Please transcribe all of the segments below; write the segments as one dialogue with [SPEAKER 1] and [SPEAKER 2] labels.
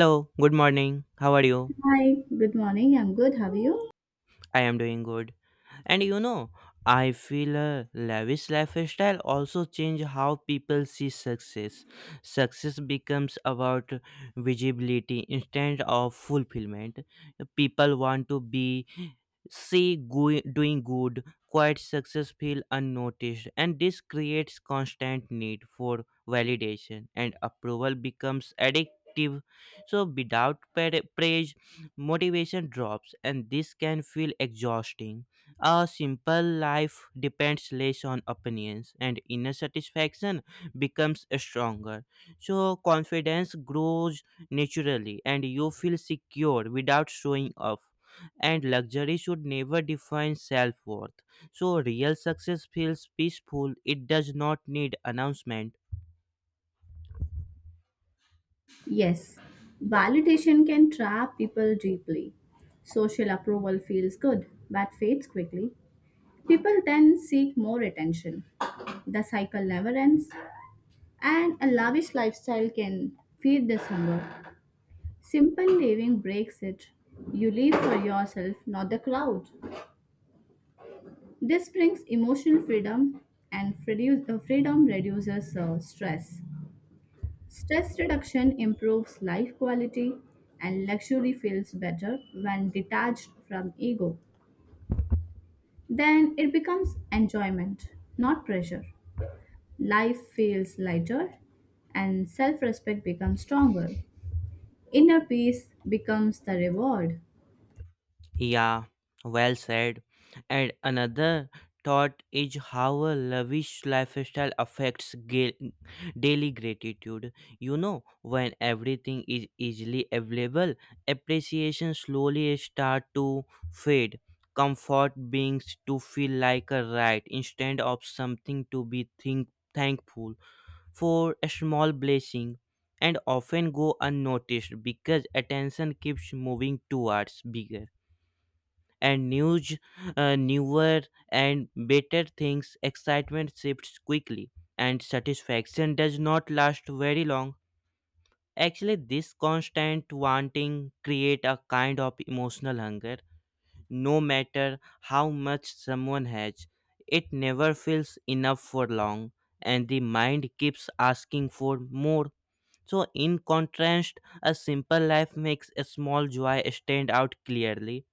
[SPEAKER 1] Hello, good morning. How are you?
[SPEAKER 2] Hi, good morning. I'm good. How are you?
[SPEAKER 1] I am doing good. And you know, I feel a lavish lifestyle also change how people see success. Success becomes about visibility instead of fulfillment. People want to be doing good, quite success feel unnoticed, and this creates constant need for validation and approval becomes addictive. So without praise, motivation drops, and this can feel exhausting. A simple life depends less on opinions, and inner satisfaction becomes stronger. So, confidence grows naturally, and you feel secure without showing off. And luxury should never define self worth. So, real success feels peaceful, it does not need announcement.
[SPEAKER 2] Yes, validation can trap people deeply. Social approval feels good but fades quickly. People then seek more attention. The cycle never ends, and a lavish lifestyle can feed this hunger. Simple living breaks it. You live for yourself, not the crowd. This brings emotional freedom, and freedom reduces stress. Stress reduction improves life quality, and luxury feels better when detached from ego. Then it becomes enjoyment, not pressure. Life feels lighter, and self respect becomes stronger. Inner peace becomes the reward.
[SPEAKER 1] Yeah, well said. And another thought is how a lavish lifestyle affects daily gratitude. You know, when everything is easily available, appreciation slowly start to fade. Comfort beings to feel like a right instead of something to be think thankful for a small blessing and often go unnoticed because attention keeps moving towards bigger and newer and better things, excitement shifts quickly, and satisfaction does not last very long. Actually, this constant wanting create a kind of emotional hunger. No matter how much someone has, it never feels enough for long, and the mind keeps asking for more. So, in contrast, a simple life makes a small joy stand out clearly,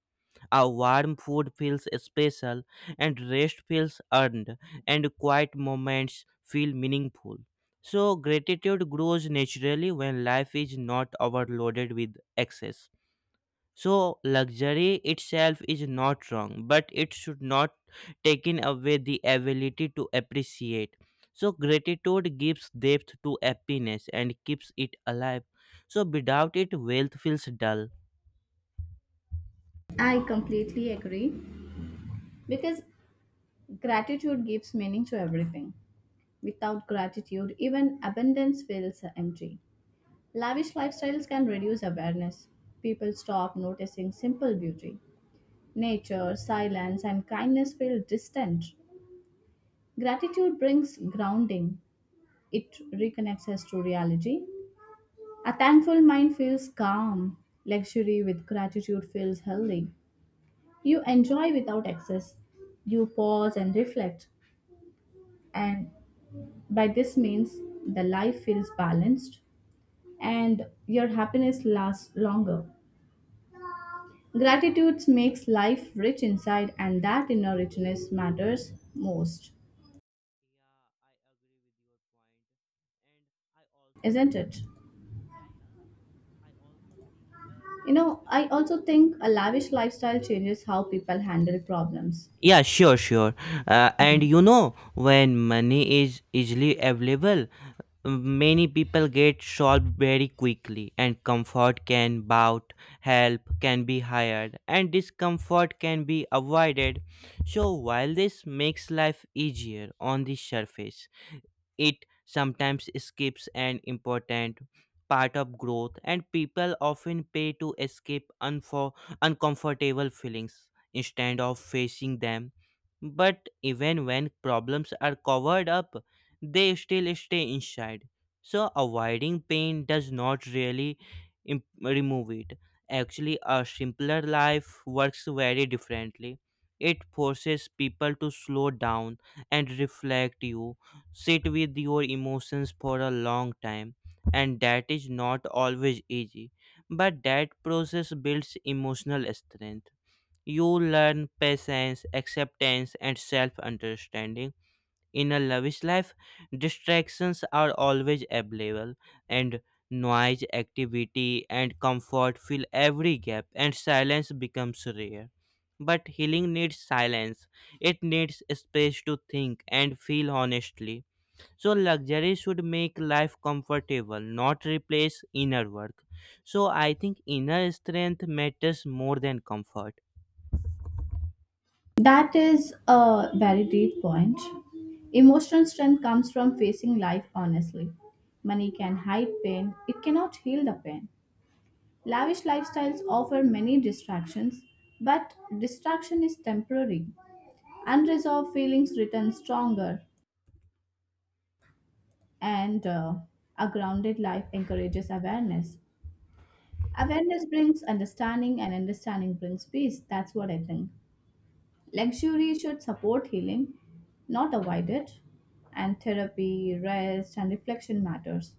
[SPEAKER 1] a warm food feels special, and rest feels earned, and quiet moments feel meaningful. So, gratitude grows naturally when life is not overloaded with excess. So, luxury itself is not wrong, but it should not take away the ability to appreciate. So, gratitude gives depth to happiness and keeps it alive. So, without it, wealth feels dull.
[SPEAKER 2] I completely agree because gratitude gives meaning to everything. Without gratitude, even abundance feels empty. Lavish lifestyles can reduce awareness. People stop noticing simple beauty. Nature, silence, and kindness feel distant. Gratitude brings grounding, it reconnects us to reality. A thankful mind feels calm. Luxury with gratitude feels healthy. You enjoy without excess. You pause and reflect. And by this means, the life feels balanced and your happiness lasts longer. Gratitude makes life rich inside, and that inner richness matters most,
[SPEAKER 1] Yeah, I agree with your point. And I also,
[SPEAKER 2] isn't it?
[SPEAKER 1] yeah, yeah. I also think
[SPEAKER 2] You know, I also think a lavish lifestyle changes how people handle problems.
[SPEAKER 1] Yeah, sure, sure. And
[SPEAKER 2] Hmm.
[SPEAKER 1] you know, when money is easily available, many people get solved very quickly, and comfort can bought, help can be hired, and discomfort can be avoided. So while this makes life easier on the surface, it sometimes skips an important part of growth, and people often pay to escape uncomfortable feelings instead of facing them. But even when problems are covered up, they still stay inside. So, avoiding pain does not really remove it. Actually, a simpler life works very differently. It forces people to slow down and reflect, you sit with your emotions for a long time, and that is not always easy, but that process builds emotional strength. You learn patience, acceptance, and self understanding. In a lavish life, distractions are always available, and noise, activity, and comfort fill every gap, and silence becomes rare. But healing needs silence, it needs space to think and feel honestly. So, luxury should make life comfortable, not replace inner work. So, I think inner strength matters more than comfort.
[SPEAKER 2] That is a very deep point. Emotional strength comes from facing life honestly. Money can hide pain, it cannot heal the pain. Lavish lifestyles offer many distractions, but distraction is temporary. Unresolved feelings return stronger. And a grounded life encourages awareness. Awareness brings understanding, and understanding brings peace. That's what I think. Luxury should support healing, not avoid it. And therapy, rest, and reflection matters.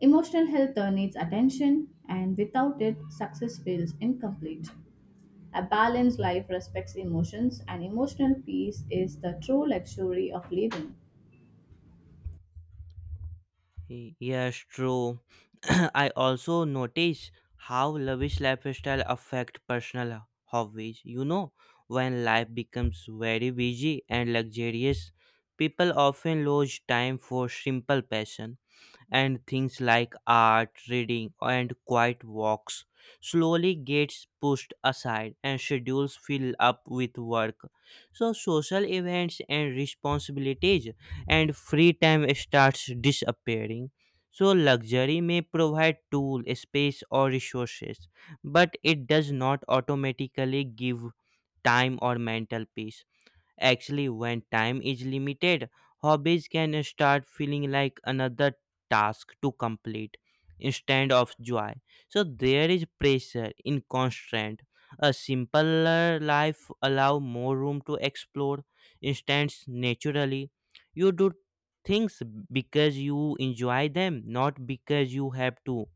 [SPEAKER 2] Emotional health needs attention, and without it, success feels incomplete. A balanced life respects emotions, and emotional peace is the true luxury of living.
[SPEAKER 1] Yes, true. I also notice how lavish lifestyle affect personal hobbies. You know, when life becomes very busy and luxurious, people often lose time for simple passion, and things like art, reading, and quiet walks slowly gets pushed aside, and schedules fill up with work. So social events and responsibilities and free time starts disappearing. So luxury may provide tool, space or resources, but it does not automatically give time or mental peace. Actually, when time is limited, hobbies can start feeling like another task to complete instead of joy. So there is pressure in constraint. A simpler life allow more room to explore instance naturally. You do things because you enjoy them, not because you have to.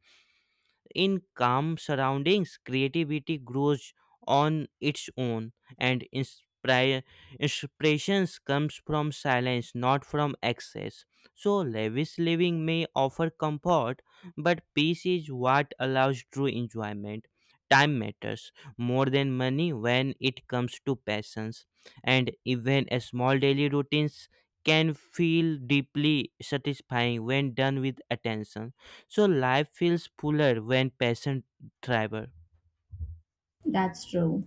[SPEAKER 1] In calm surroundings, creativity grows on its own, and inspirations comes from silence, not from excess. So lavish living may offer comfort, but peace is what allows true enjoyment. Time matters more than money when it comes to passions, and even a small daily routines can feel deeply satisfying when done with attention. So life feels fuller when passion thrives.
[SPEAKER 2] That's true.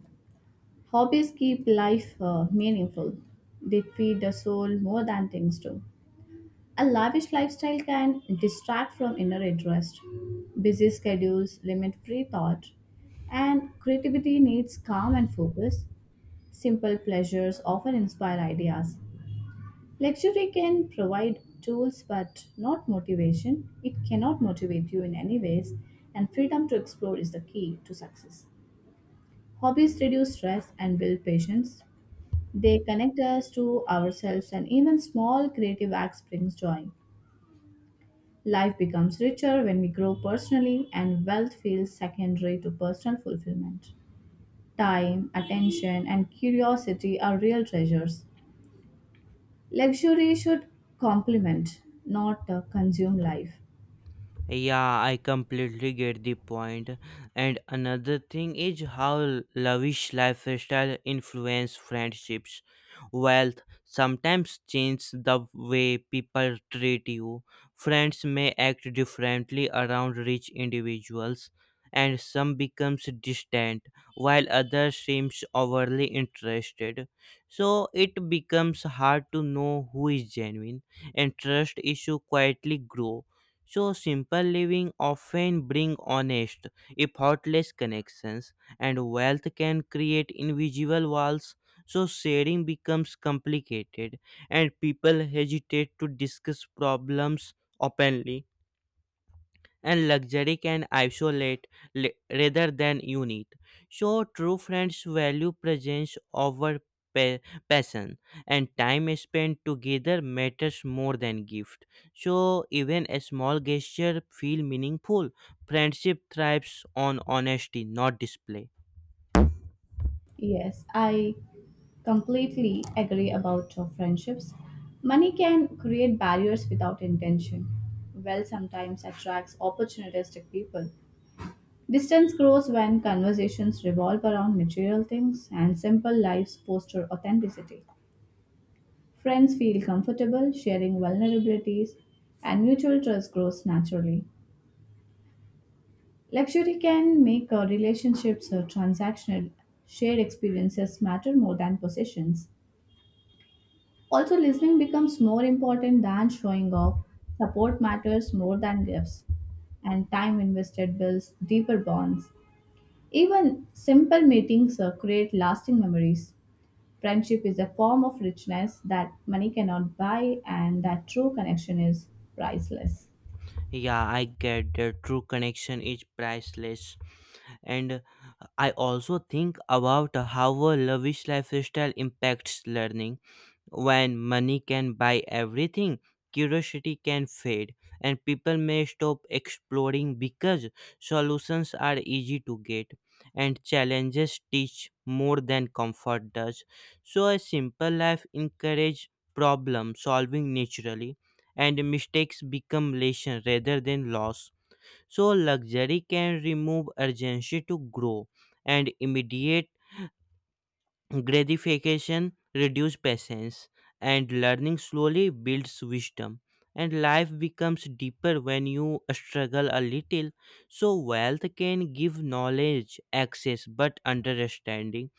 [SPEAKER 2] Hobbies keep life meaningful. They feed the soul more than things do. A lavish lifestyle can distract from inner interest. Busy schedules limit free thought, and creativity needs calm and focus. Simple pleasures often inspire ideas. Luxury can provide tools but not motivation. It cannot motivate you in any ways, and freedom to explore is the key to success. Hobbies reduce stress and build patience. They connect us to ourselves, and even small creative acts brings joy. Life becomes richer when we grow personally, and wealth feels secondary to personal fulfillment. Time, attention, and curiosity are real treasures. Luxury should complement, not consume life.
[SPEAKER 1] Yeah, I completely get the point. And another thing is how lavish lifestyle influence friendships. Wealth sometimes changes the way people treat you. Friends may act differently around rich individuals, and some becomes distant while others seems overly interested. So it becomes hard to know who is genuine, and trust issue quietly grow. So simple living often bring honest, if heartless connections, and wealth can create invisible walls. So sharing becomes complicated, and people hesitate to discuss problems openly, and luxury can isolate rather than unite. So, true friends value presence over pa- passion, and time spent together matters more than gift. So, even a small gesture feel meaningful. Friendship thrives on honesty, not display.
[SPEAKER 2] Yes, I completely agree about friendships. Money can create barriers without intention. Wealth sometimes attracts opportunistic people. Distance grows when conversations revolve around material things and simple lives foster authenticity. Friends feel comfortable sharing vulnerabilities and mutual trust grows naturally. Luxury can make relationships transactional. Shared experiences matter more than possessions. Also, listening becomes more important than showing off. Support matters more than gifts and time invested builds deeper bonds. Even simple meetings create lasting memories. Friendship is a form of richness that money cannot buy, and that true connection is priceless.
[SPEAKER 1] Yeah, I get that true connection is priceless, and I also think about how a lavish lifestyle impacts learning. When money can buy everything, curiosity can fade, and people may stop exploring because solutions are easy to get, and challenges teach more than comfort does. So, a simple life encourages problem solving naturally, and mistakes become lesson rather than loss. So, luxury can remove urgency to grow, and immediate gratification reduces patience, and learning slowly builds wisdom. And life becomes deeper when you struggle a little. So, wealth can give knowledge, access, but understanding,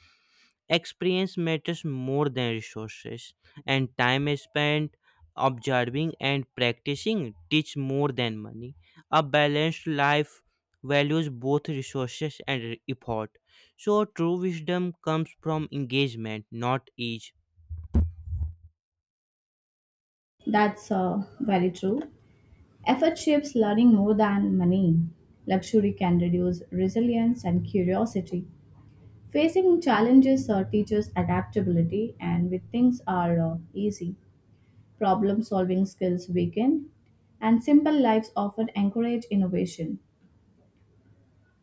[SPEAKER 1] experience matters more than resources, and time spent observing and practicing teach more than money. A balanced life values both resources and effort. So, true wisdom comes from engagement, not ease.
[SPEAKER 2] That's very true. Effort shapes learning more than money. Luxury can reduce resilience and curiosity. Facing challenges teaches adaptability, and with things are easy, problem solving skills weaken, and simple lives often encourage innovation.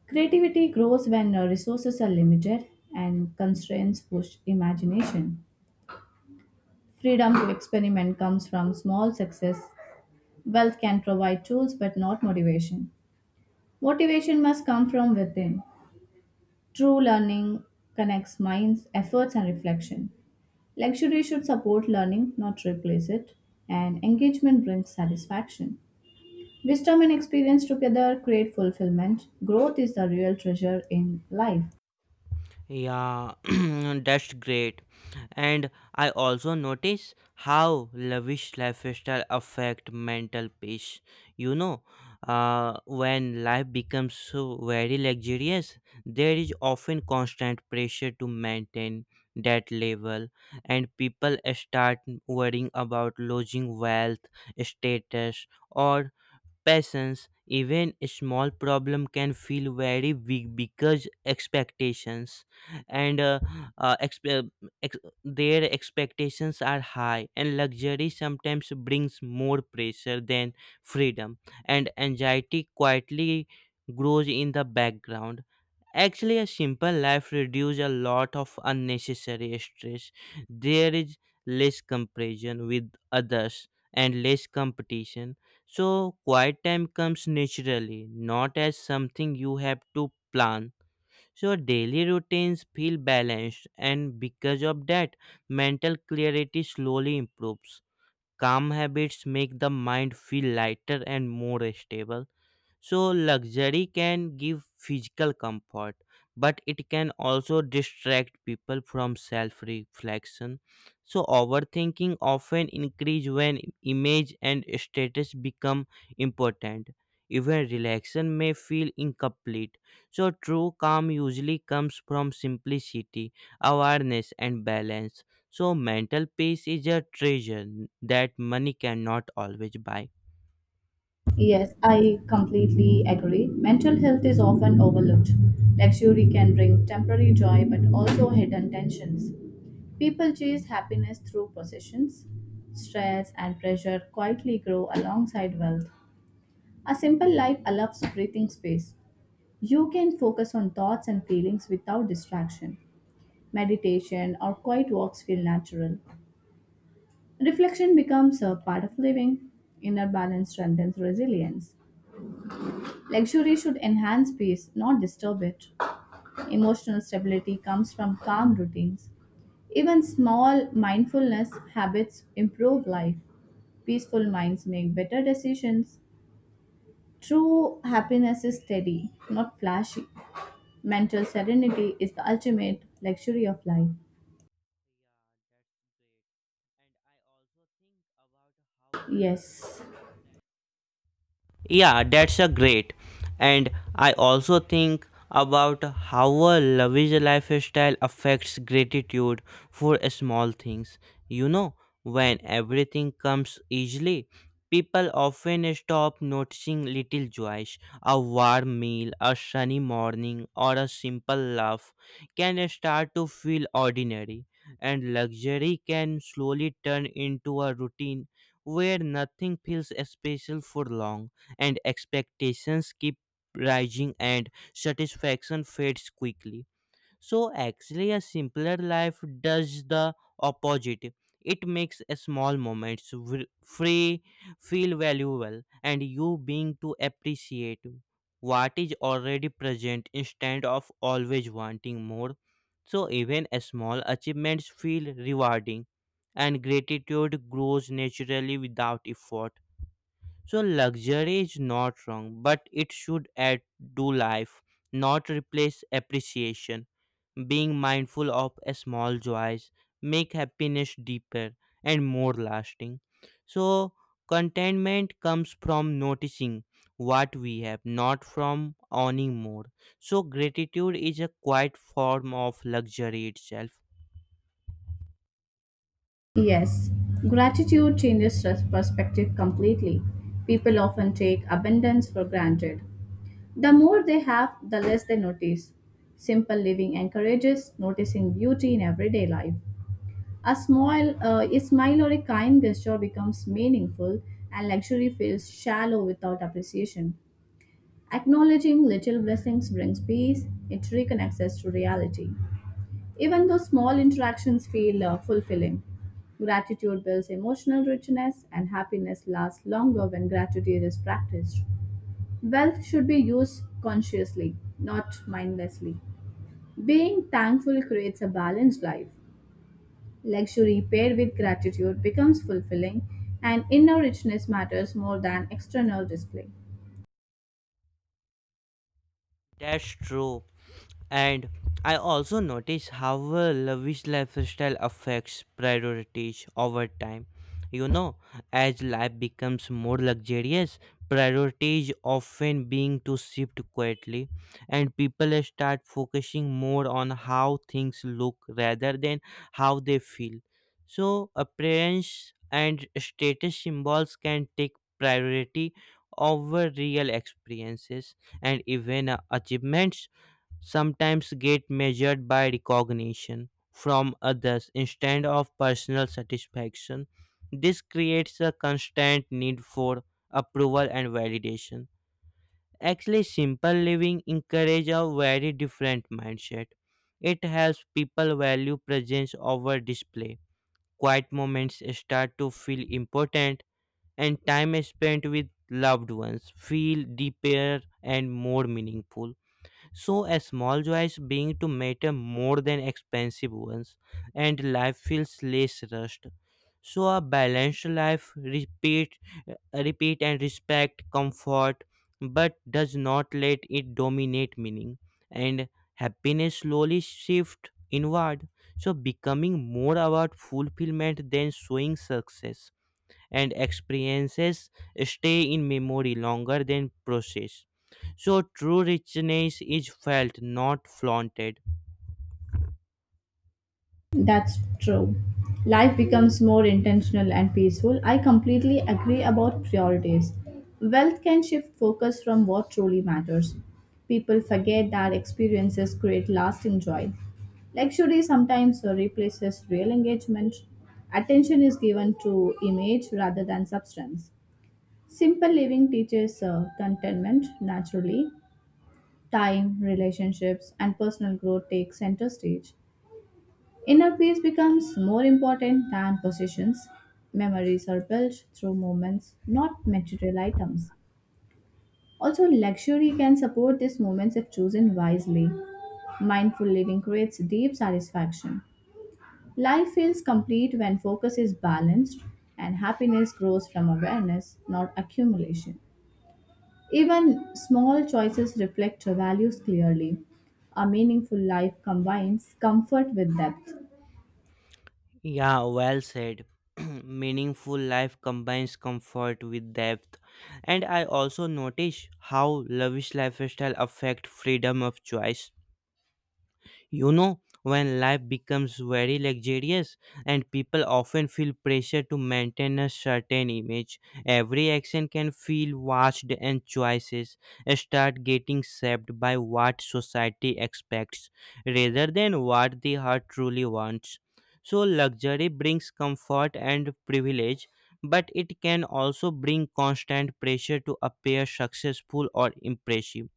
[SPEAKER 2] Creativity grows when resources are limited and constraints push imagination. Freedom to experiment comes from small success. Wealth can provide tools but not motivation. Motivation must come from within. True learning connects minds, efforts, and reflection. Luxury should support learning, not replace it, and engagement brings satisfaction. Wisdom and experience together create fulfillment. Growth is the real treasure in life.
[SPEAKER 1] Yeah, that's great. And I also notice how lavish lifestyle affect mental peace. You know, when life becomes so very luxurious, there is often constant pressure to maintain that level, and people start worrying about losing wealth, status, or patience, even a small problem can feel very big because expectations and uh, exp- ex- their expectations are high, and luxury sometimes brings more pressure than freedom, and anxiety quietly grows in the background. Actually, a simple life reduces a lot of unnecessary stress. There is less comparison with others and less competition. So, quiet time comes naturally, not as something you have to plan. So, daily routines feel balanced, and because of that, mental clarity slowly improves. Calm habits make the mind feel lighter and more stable. So, luxury can give physical comfort, but it can also distract people from self reflection. So, overthinking often increase when image and status become important. Even relaxation may feel incomplete. So, true calm usually comes from simplicity, awareness, and balance. So, mental peace is a treasure that money cannot always buy.
[SPEAKER 2] Yes, I completely agree. Mental health is often overlooked. Luxury can bring temporary joy but also hidden tensions. People chase happiness through possessions. Stress and pressure quietly grow alongside wealth. A simple life allows breathing space. You can focus on thoughts and feelings without distraction. Meditation or quiet walks feel natural. Reflection becomes a part of living. Inner balance strengthens resilience. Luxury should enhance peace, not disturb it. Emotional stability comes from calm routines. Even small mindfulness habits improve life. Peaceful minds make better decisions. True happiness is steady, not flashy. Mental serenity is the ultimate luxury of life.
[SPEAKER 1] Yeah, that's great. And I also think about how a
[SPEAKER 2] Yes.
[SPEAKER 1] reflection yeah, that's a great. And I also think about how a lavish lifestyle affects gratitude for small things. You know, when everything comes easily, people often stop noticing little joys. A warm meal, a sunny morning, or a simple laugh can start to feel ordinary, and luxury can slowly turn into a routine where nothing feels special for long, and expectations keep rising, and satisfaction fades quickly. So, actually, a simpler life does the opposite. It makes a small moments free feel valuable, and you being to appreciate what is already present instead of always wanting more. So, even a small achievements feel rewarding, and gratitude grows naturally without effort. So luxury is not wrong, but it should add to life, not replace appreciation. Being mindful of a small joys make happiness deeper and more lasting. So contentment comes from noticing what we have, not from owning more. So gratitude is a quiet form of luxury itself.
[SPEAKER 2] Yes, gratitude changes perspective completely. People often take abundance for granted. The more they have, the less they notice. Simple living encourages noticing beauty in everyday life. A smile or a kind gesture becomes meaningful, and luxury feels shallow without appreciation. Acknowledging little blessings brings peace. It reconnects us to reality. Even though small interactions feel fulfilling, gratitude builds emotional richness, and happiness lasts longer when gratitude is practiced. Wealth should be used consciously, not mindlessly. Being thankful creates a balanced life. Luxury paired with gratitude becomes fulfilling, and inner richness matters more than external display.
[SPEAKER 1] That's true. And I also notice how a lavish lifestyle affects priorities over time. You know, as life becomes more luxurious, priorities often being to shift quietly, and people start focusing more on how things look rather than how they feel. So, appearance and status symbols can take priority over real experiences, and even achievements sometimes get measured by recognition from others instead of personal satisfaction. This creates a constant need for approval and validation. Actually, simple living encourages a very different mindset. It helps people value presence over display. Quiet moments start to feel important, and time spent with loved ones feel deeper and more meaningful. So, a small joys being to matter more than expensive ones, and life feels less rushed. So, a balanced life uh, repeat and respect comfort, but does not let it dominate meaning. And happiness slowly shift inward, so becoming more about fulfillment than showing success, and experiences stay in memory longer than process. So true richness is felt, not flaunted.
[SPEAKER 2] That's true. Life becomes more intentional and peaceful. I completely agree about priorities. Wealth can shift focus from what truly matters. People forget that experiences create lasting joy. Luxury sometimes replaces real engagement. Attention is given to image rather than substance. Simple living teaches contentment naturally. Time, relationships, and personal growth take center stage. Inner peace becomes more important than possessions. Memories are built through moments, not material items. Also, luxury can support these moments if chosen wisely. Mindful living creates deep satisfaction. Life feels complete when focus is balanced, and happiness grows from awareness, not accumulation. Even small choices reflect your values clearly. A meaningful life combines comfort with depth.
[SPEAKER 1] Yeah, well said. Meaningful life combines comfort with depth. And I also notice how lavish lifestyle affect freedom of choice. You know, when life becomes very luxurious and people often feel pressure to maintain a certain image, every action can feel watched, and choices start getting shaped by what society expects rather than what the heart truly wants. So, luxury brings comfort and privilege, but it can also bring constant pressure to appear successful or impressive.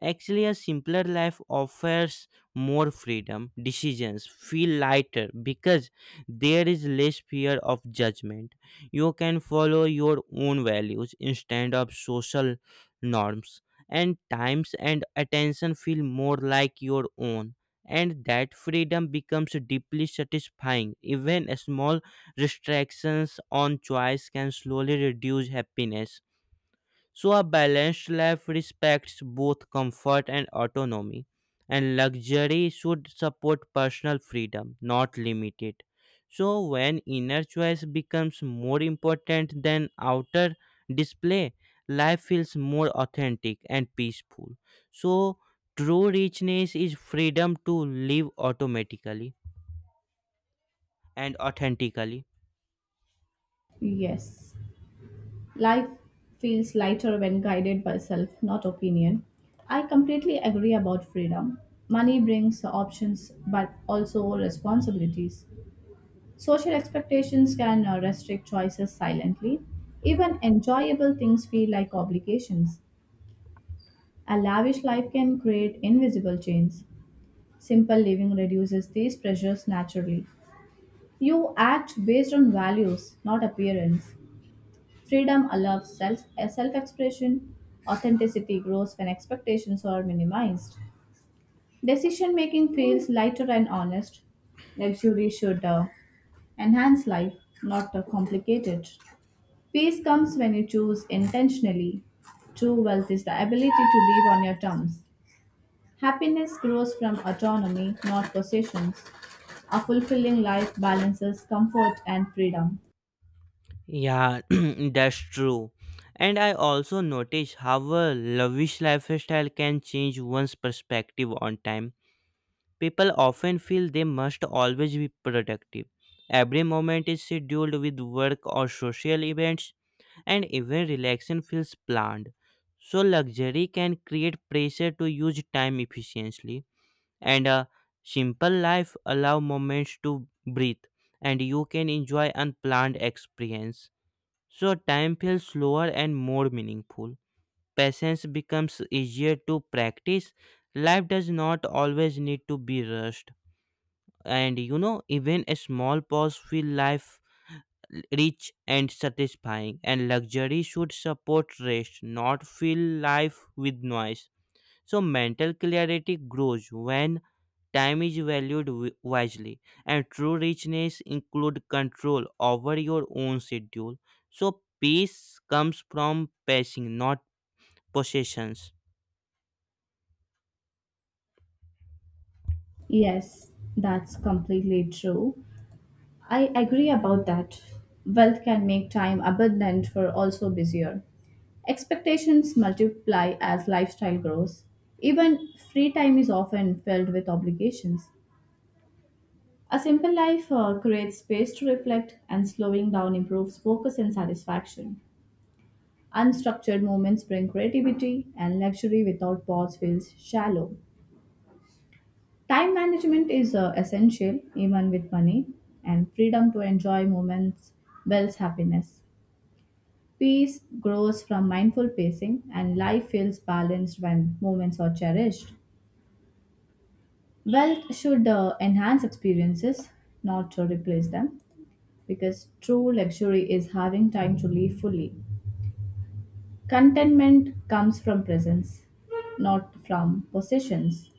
[SPEAKER 1] Actually, a simpler life offers more freedom. Decisions feel lighter because there is less fear of judgment. You can follow your own values instead of social norms, and times and attention feel more like your own. And that freedom becomes deeply satisfying. Even small restrictions on choice can slowly reduce happiness. So, a balanced life respects both comfort and autonomy, and luxury should support personal freedom, not limit it. So, when inner choice becomes more important than outer display, life feels more authentic and peaceful. So, true richness is freedom to live automatically and authentically.
[SPEAKER 2] Yes. Life feels lighter when guided by self, not opinion. I completely agree about freedom. Money brings options but also responsibilities. Social expectations can restrict choices silently. Even enjoyable things feel like obligations. A lavish life can create invisible chains. Simple living reduces these pressures naturally. You act based on values, not appearance. Freedom allows self expression. Authenticity grows when expectations are minimized. Decision making feels lighter and honest. Luxury should enhance life, not complicate it. Peace comes when you choose intentionally. True wealth is the ability to live on your terms. Happiness grows from autonomy, not possessions. A fulfilling life balances comfort and freedom.
[SPEAKER 1] Yeah, that's true. And I also notice how a lavish lifestyle can change one's perspective on time. People often feel they must always be productive. Every moment is scheduled with work or social events, and even relaxation feels planned. So, luxury can create pressure to use time efficiently, and a simple life allow moments to breathe, and you can enjoy unplanned experience. So time feels slower and more meaningful. Patience becomes easier to practice. Life does not always need to be rushed. And you know, even a small pause feel life rich and satisfying. And luxury should support rest, not fill life with noise. So mental clarity grows when time is valued wisely, and true richness includes control over your own schedule. So peace comes from passing, not possessions.
[SPEAKER 2] Yes, that's completely true. I agree about that. Wealth can make time abundant for also busier. Expectations multiply as lifestyle grows. Even free time is often filled with obligations. A simple life creates space to reflect, and slowing down improves focus and satisfaction. Unstructured moments bring creativity, and luxury without pause feels shallow. Time management is essential, even with money, and freedom to enjoy moments builds happiness. Peace grows from mindful pacing, and life feels balanced when moments are cherished. Wealth should enhance experiences, not to replace them, because true luxury is having time to live fully. Contentment comes from presence, not from possessions.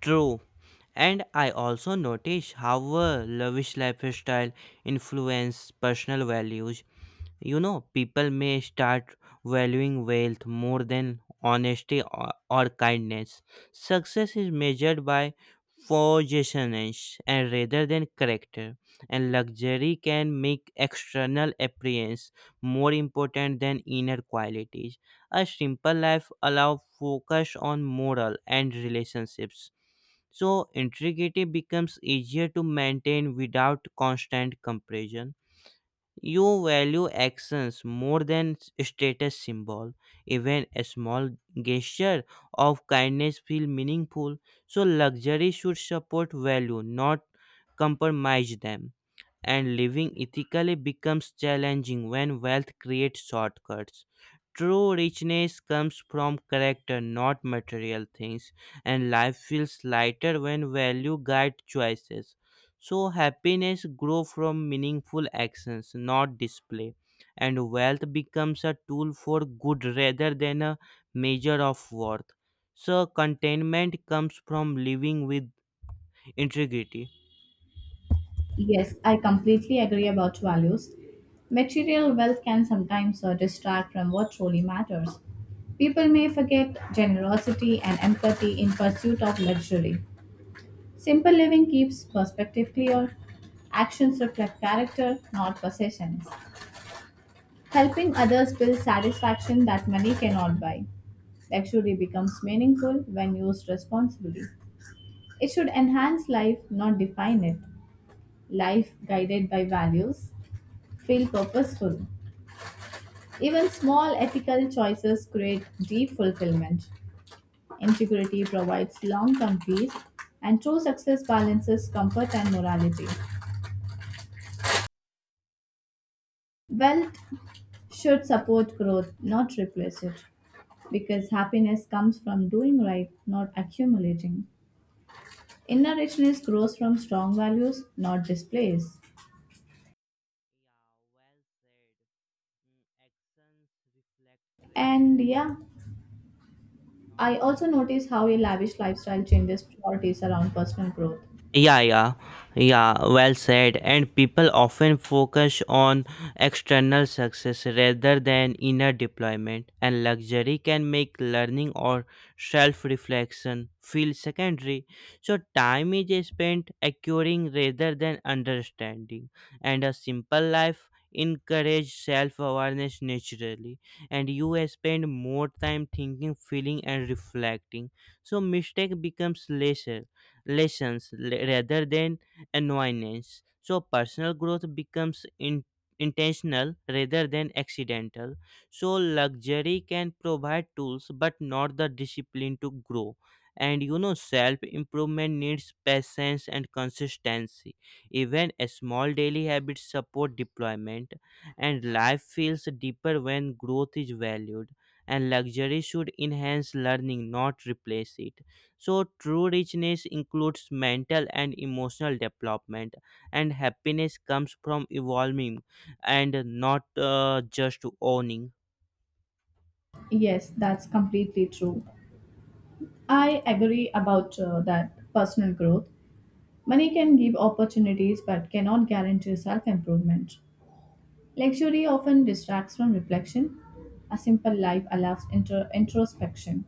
[SPEAKER 1] True. And I also notice how a lavish lifestyle influences personal values. You know, people may start valuing wealth more than honesty or kindness. Success is measured by possessions and rather than character, and luxury can make external appearance more important than inner qualities. A simple life allows focus on moral and relationships. So, integrity becomes easier to maintain without constant comparison. You value actions more than status symbol. Even a small gesture of kindness feel meaningful. So luxury should support value, not compromise them and living ethically becomes challenging when wealth creates shortcuts. True richness comes from character, not material things, and life feels lighter when value guide choices. So, happiness grows from meaningful actions, not display, and wealth becomes a tool for good rather than a measure of worth. So, contentment comes from living with integrity.
[SPEAKER 2] Yes, I completely agree about values. Material wealth can sometimes distract from what truly matters. People may forget generosity and empathy in pursuit of luxury. Simple living keeps perspective clear. Actions reflect character, not possessions. Helping others builds satisfaction that money cannot buy. Luxury becomes meaningful when used responsibly. It should enhance life, not define it. Life guided by values feel purposeful. Even small ethical choices create deep fulfillment. Integrity provides long term peace, and true success balances comfort and morality. Wealth should support growth, not replace it. Because happiness comes from doing right, not accumulating. Inner richness grows from strong values, not displays.
[SPEAKER 1] Yeah, well said. Mm, actions reflect character,
[SPEAKER 2] And yeah,
[SPEAKER 1] not.
[SPEAKER 2] I also notice how a lavish lifestyle changes priorities around personal growth.
[SPEAKER 1] Yeah, yeah, yeah, well said. And people often focus on external success rather than inner deployment, and luxury can make learning or self reflection feel secondary. So, time is spent acquiring rather than understanding, and a simple life encourages self awareness naturally, and you spend more time thinking, feeling, and reflecting. So, mistake becomes less lessons rather than annoyance. So personal growth becomes intentional rather than accidental. So luxury can provide tools but not the discipline to grow. And you know, self improvement needs patience and consistency. Even a small daily habits support deployment, and life feels deeper when growth is valued. And luxury should enhance learning, not replace it so, true richness includes mental and emotional development, and happiness comes from evolving and not just owning.
[SPEAKER 2] Yes, that's completely true. I agree about that personal growth. Money can give opportunities but cannot guarantee self improvement. Luxury often distracts from reflection. A simple life allows introspection.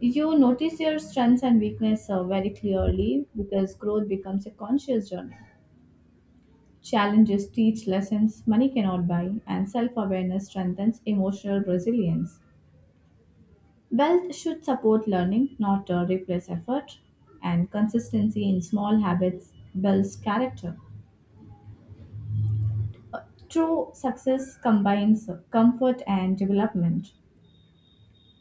[SPEAKER 2] You notice your strengths and weaknesses very clearly because growth becomes a conscious journey. Challenges teach lessons money cannot buy, and self awareness strengthens emotional resilience. Wealth should support learning, not replace effort, and consistency in small habits builds character. True success combines comfort and development.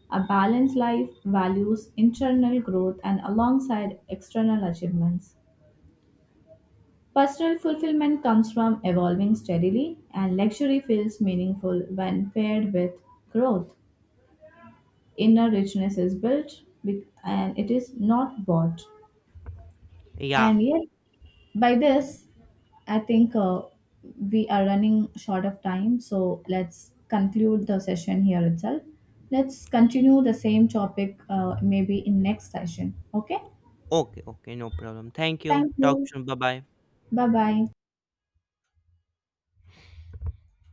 [SPEAKER 2] A balanced life values internal growth and alongside external achievements. Personal fulfillment comes from evolving steadily, and luxury feels meaningful when paired with growth. Inner richness is and it is not bought.
[SPEAKER 1] Yeah,
[SPEAKER 2] And yet, by this, I think we are running short of time, so let's conclude the session here itself. Let's continue the same topic maybe in next session. Okay?
[SPEAKER 1] okay, no problem. Thank you.
[SPEAKER 2] Thank
[SPEAKER 1] Talk
[SPEAKER 2] you.
[SPEAKER 1] soon. Bye bye.
[SPEAKER 2] Bye bye.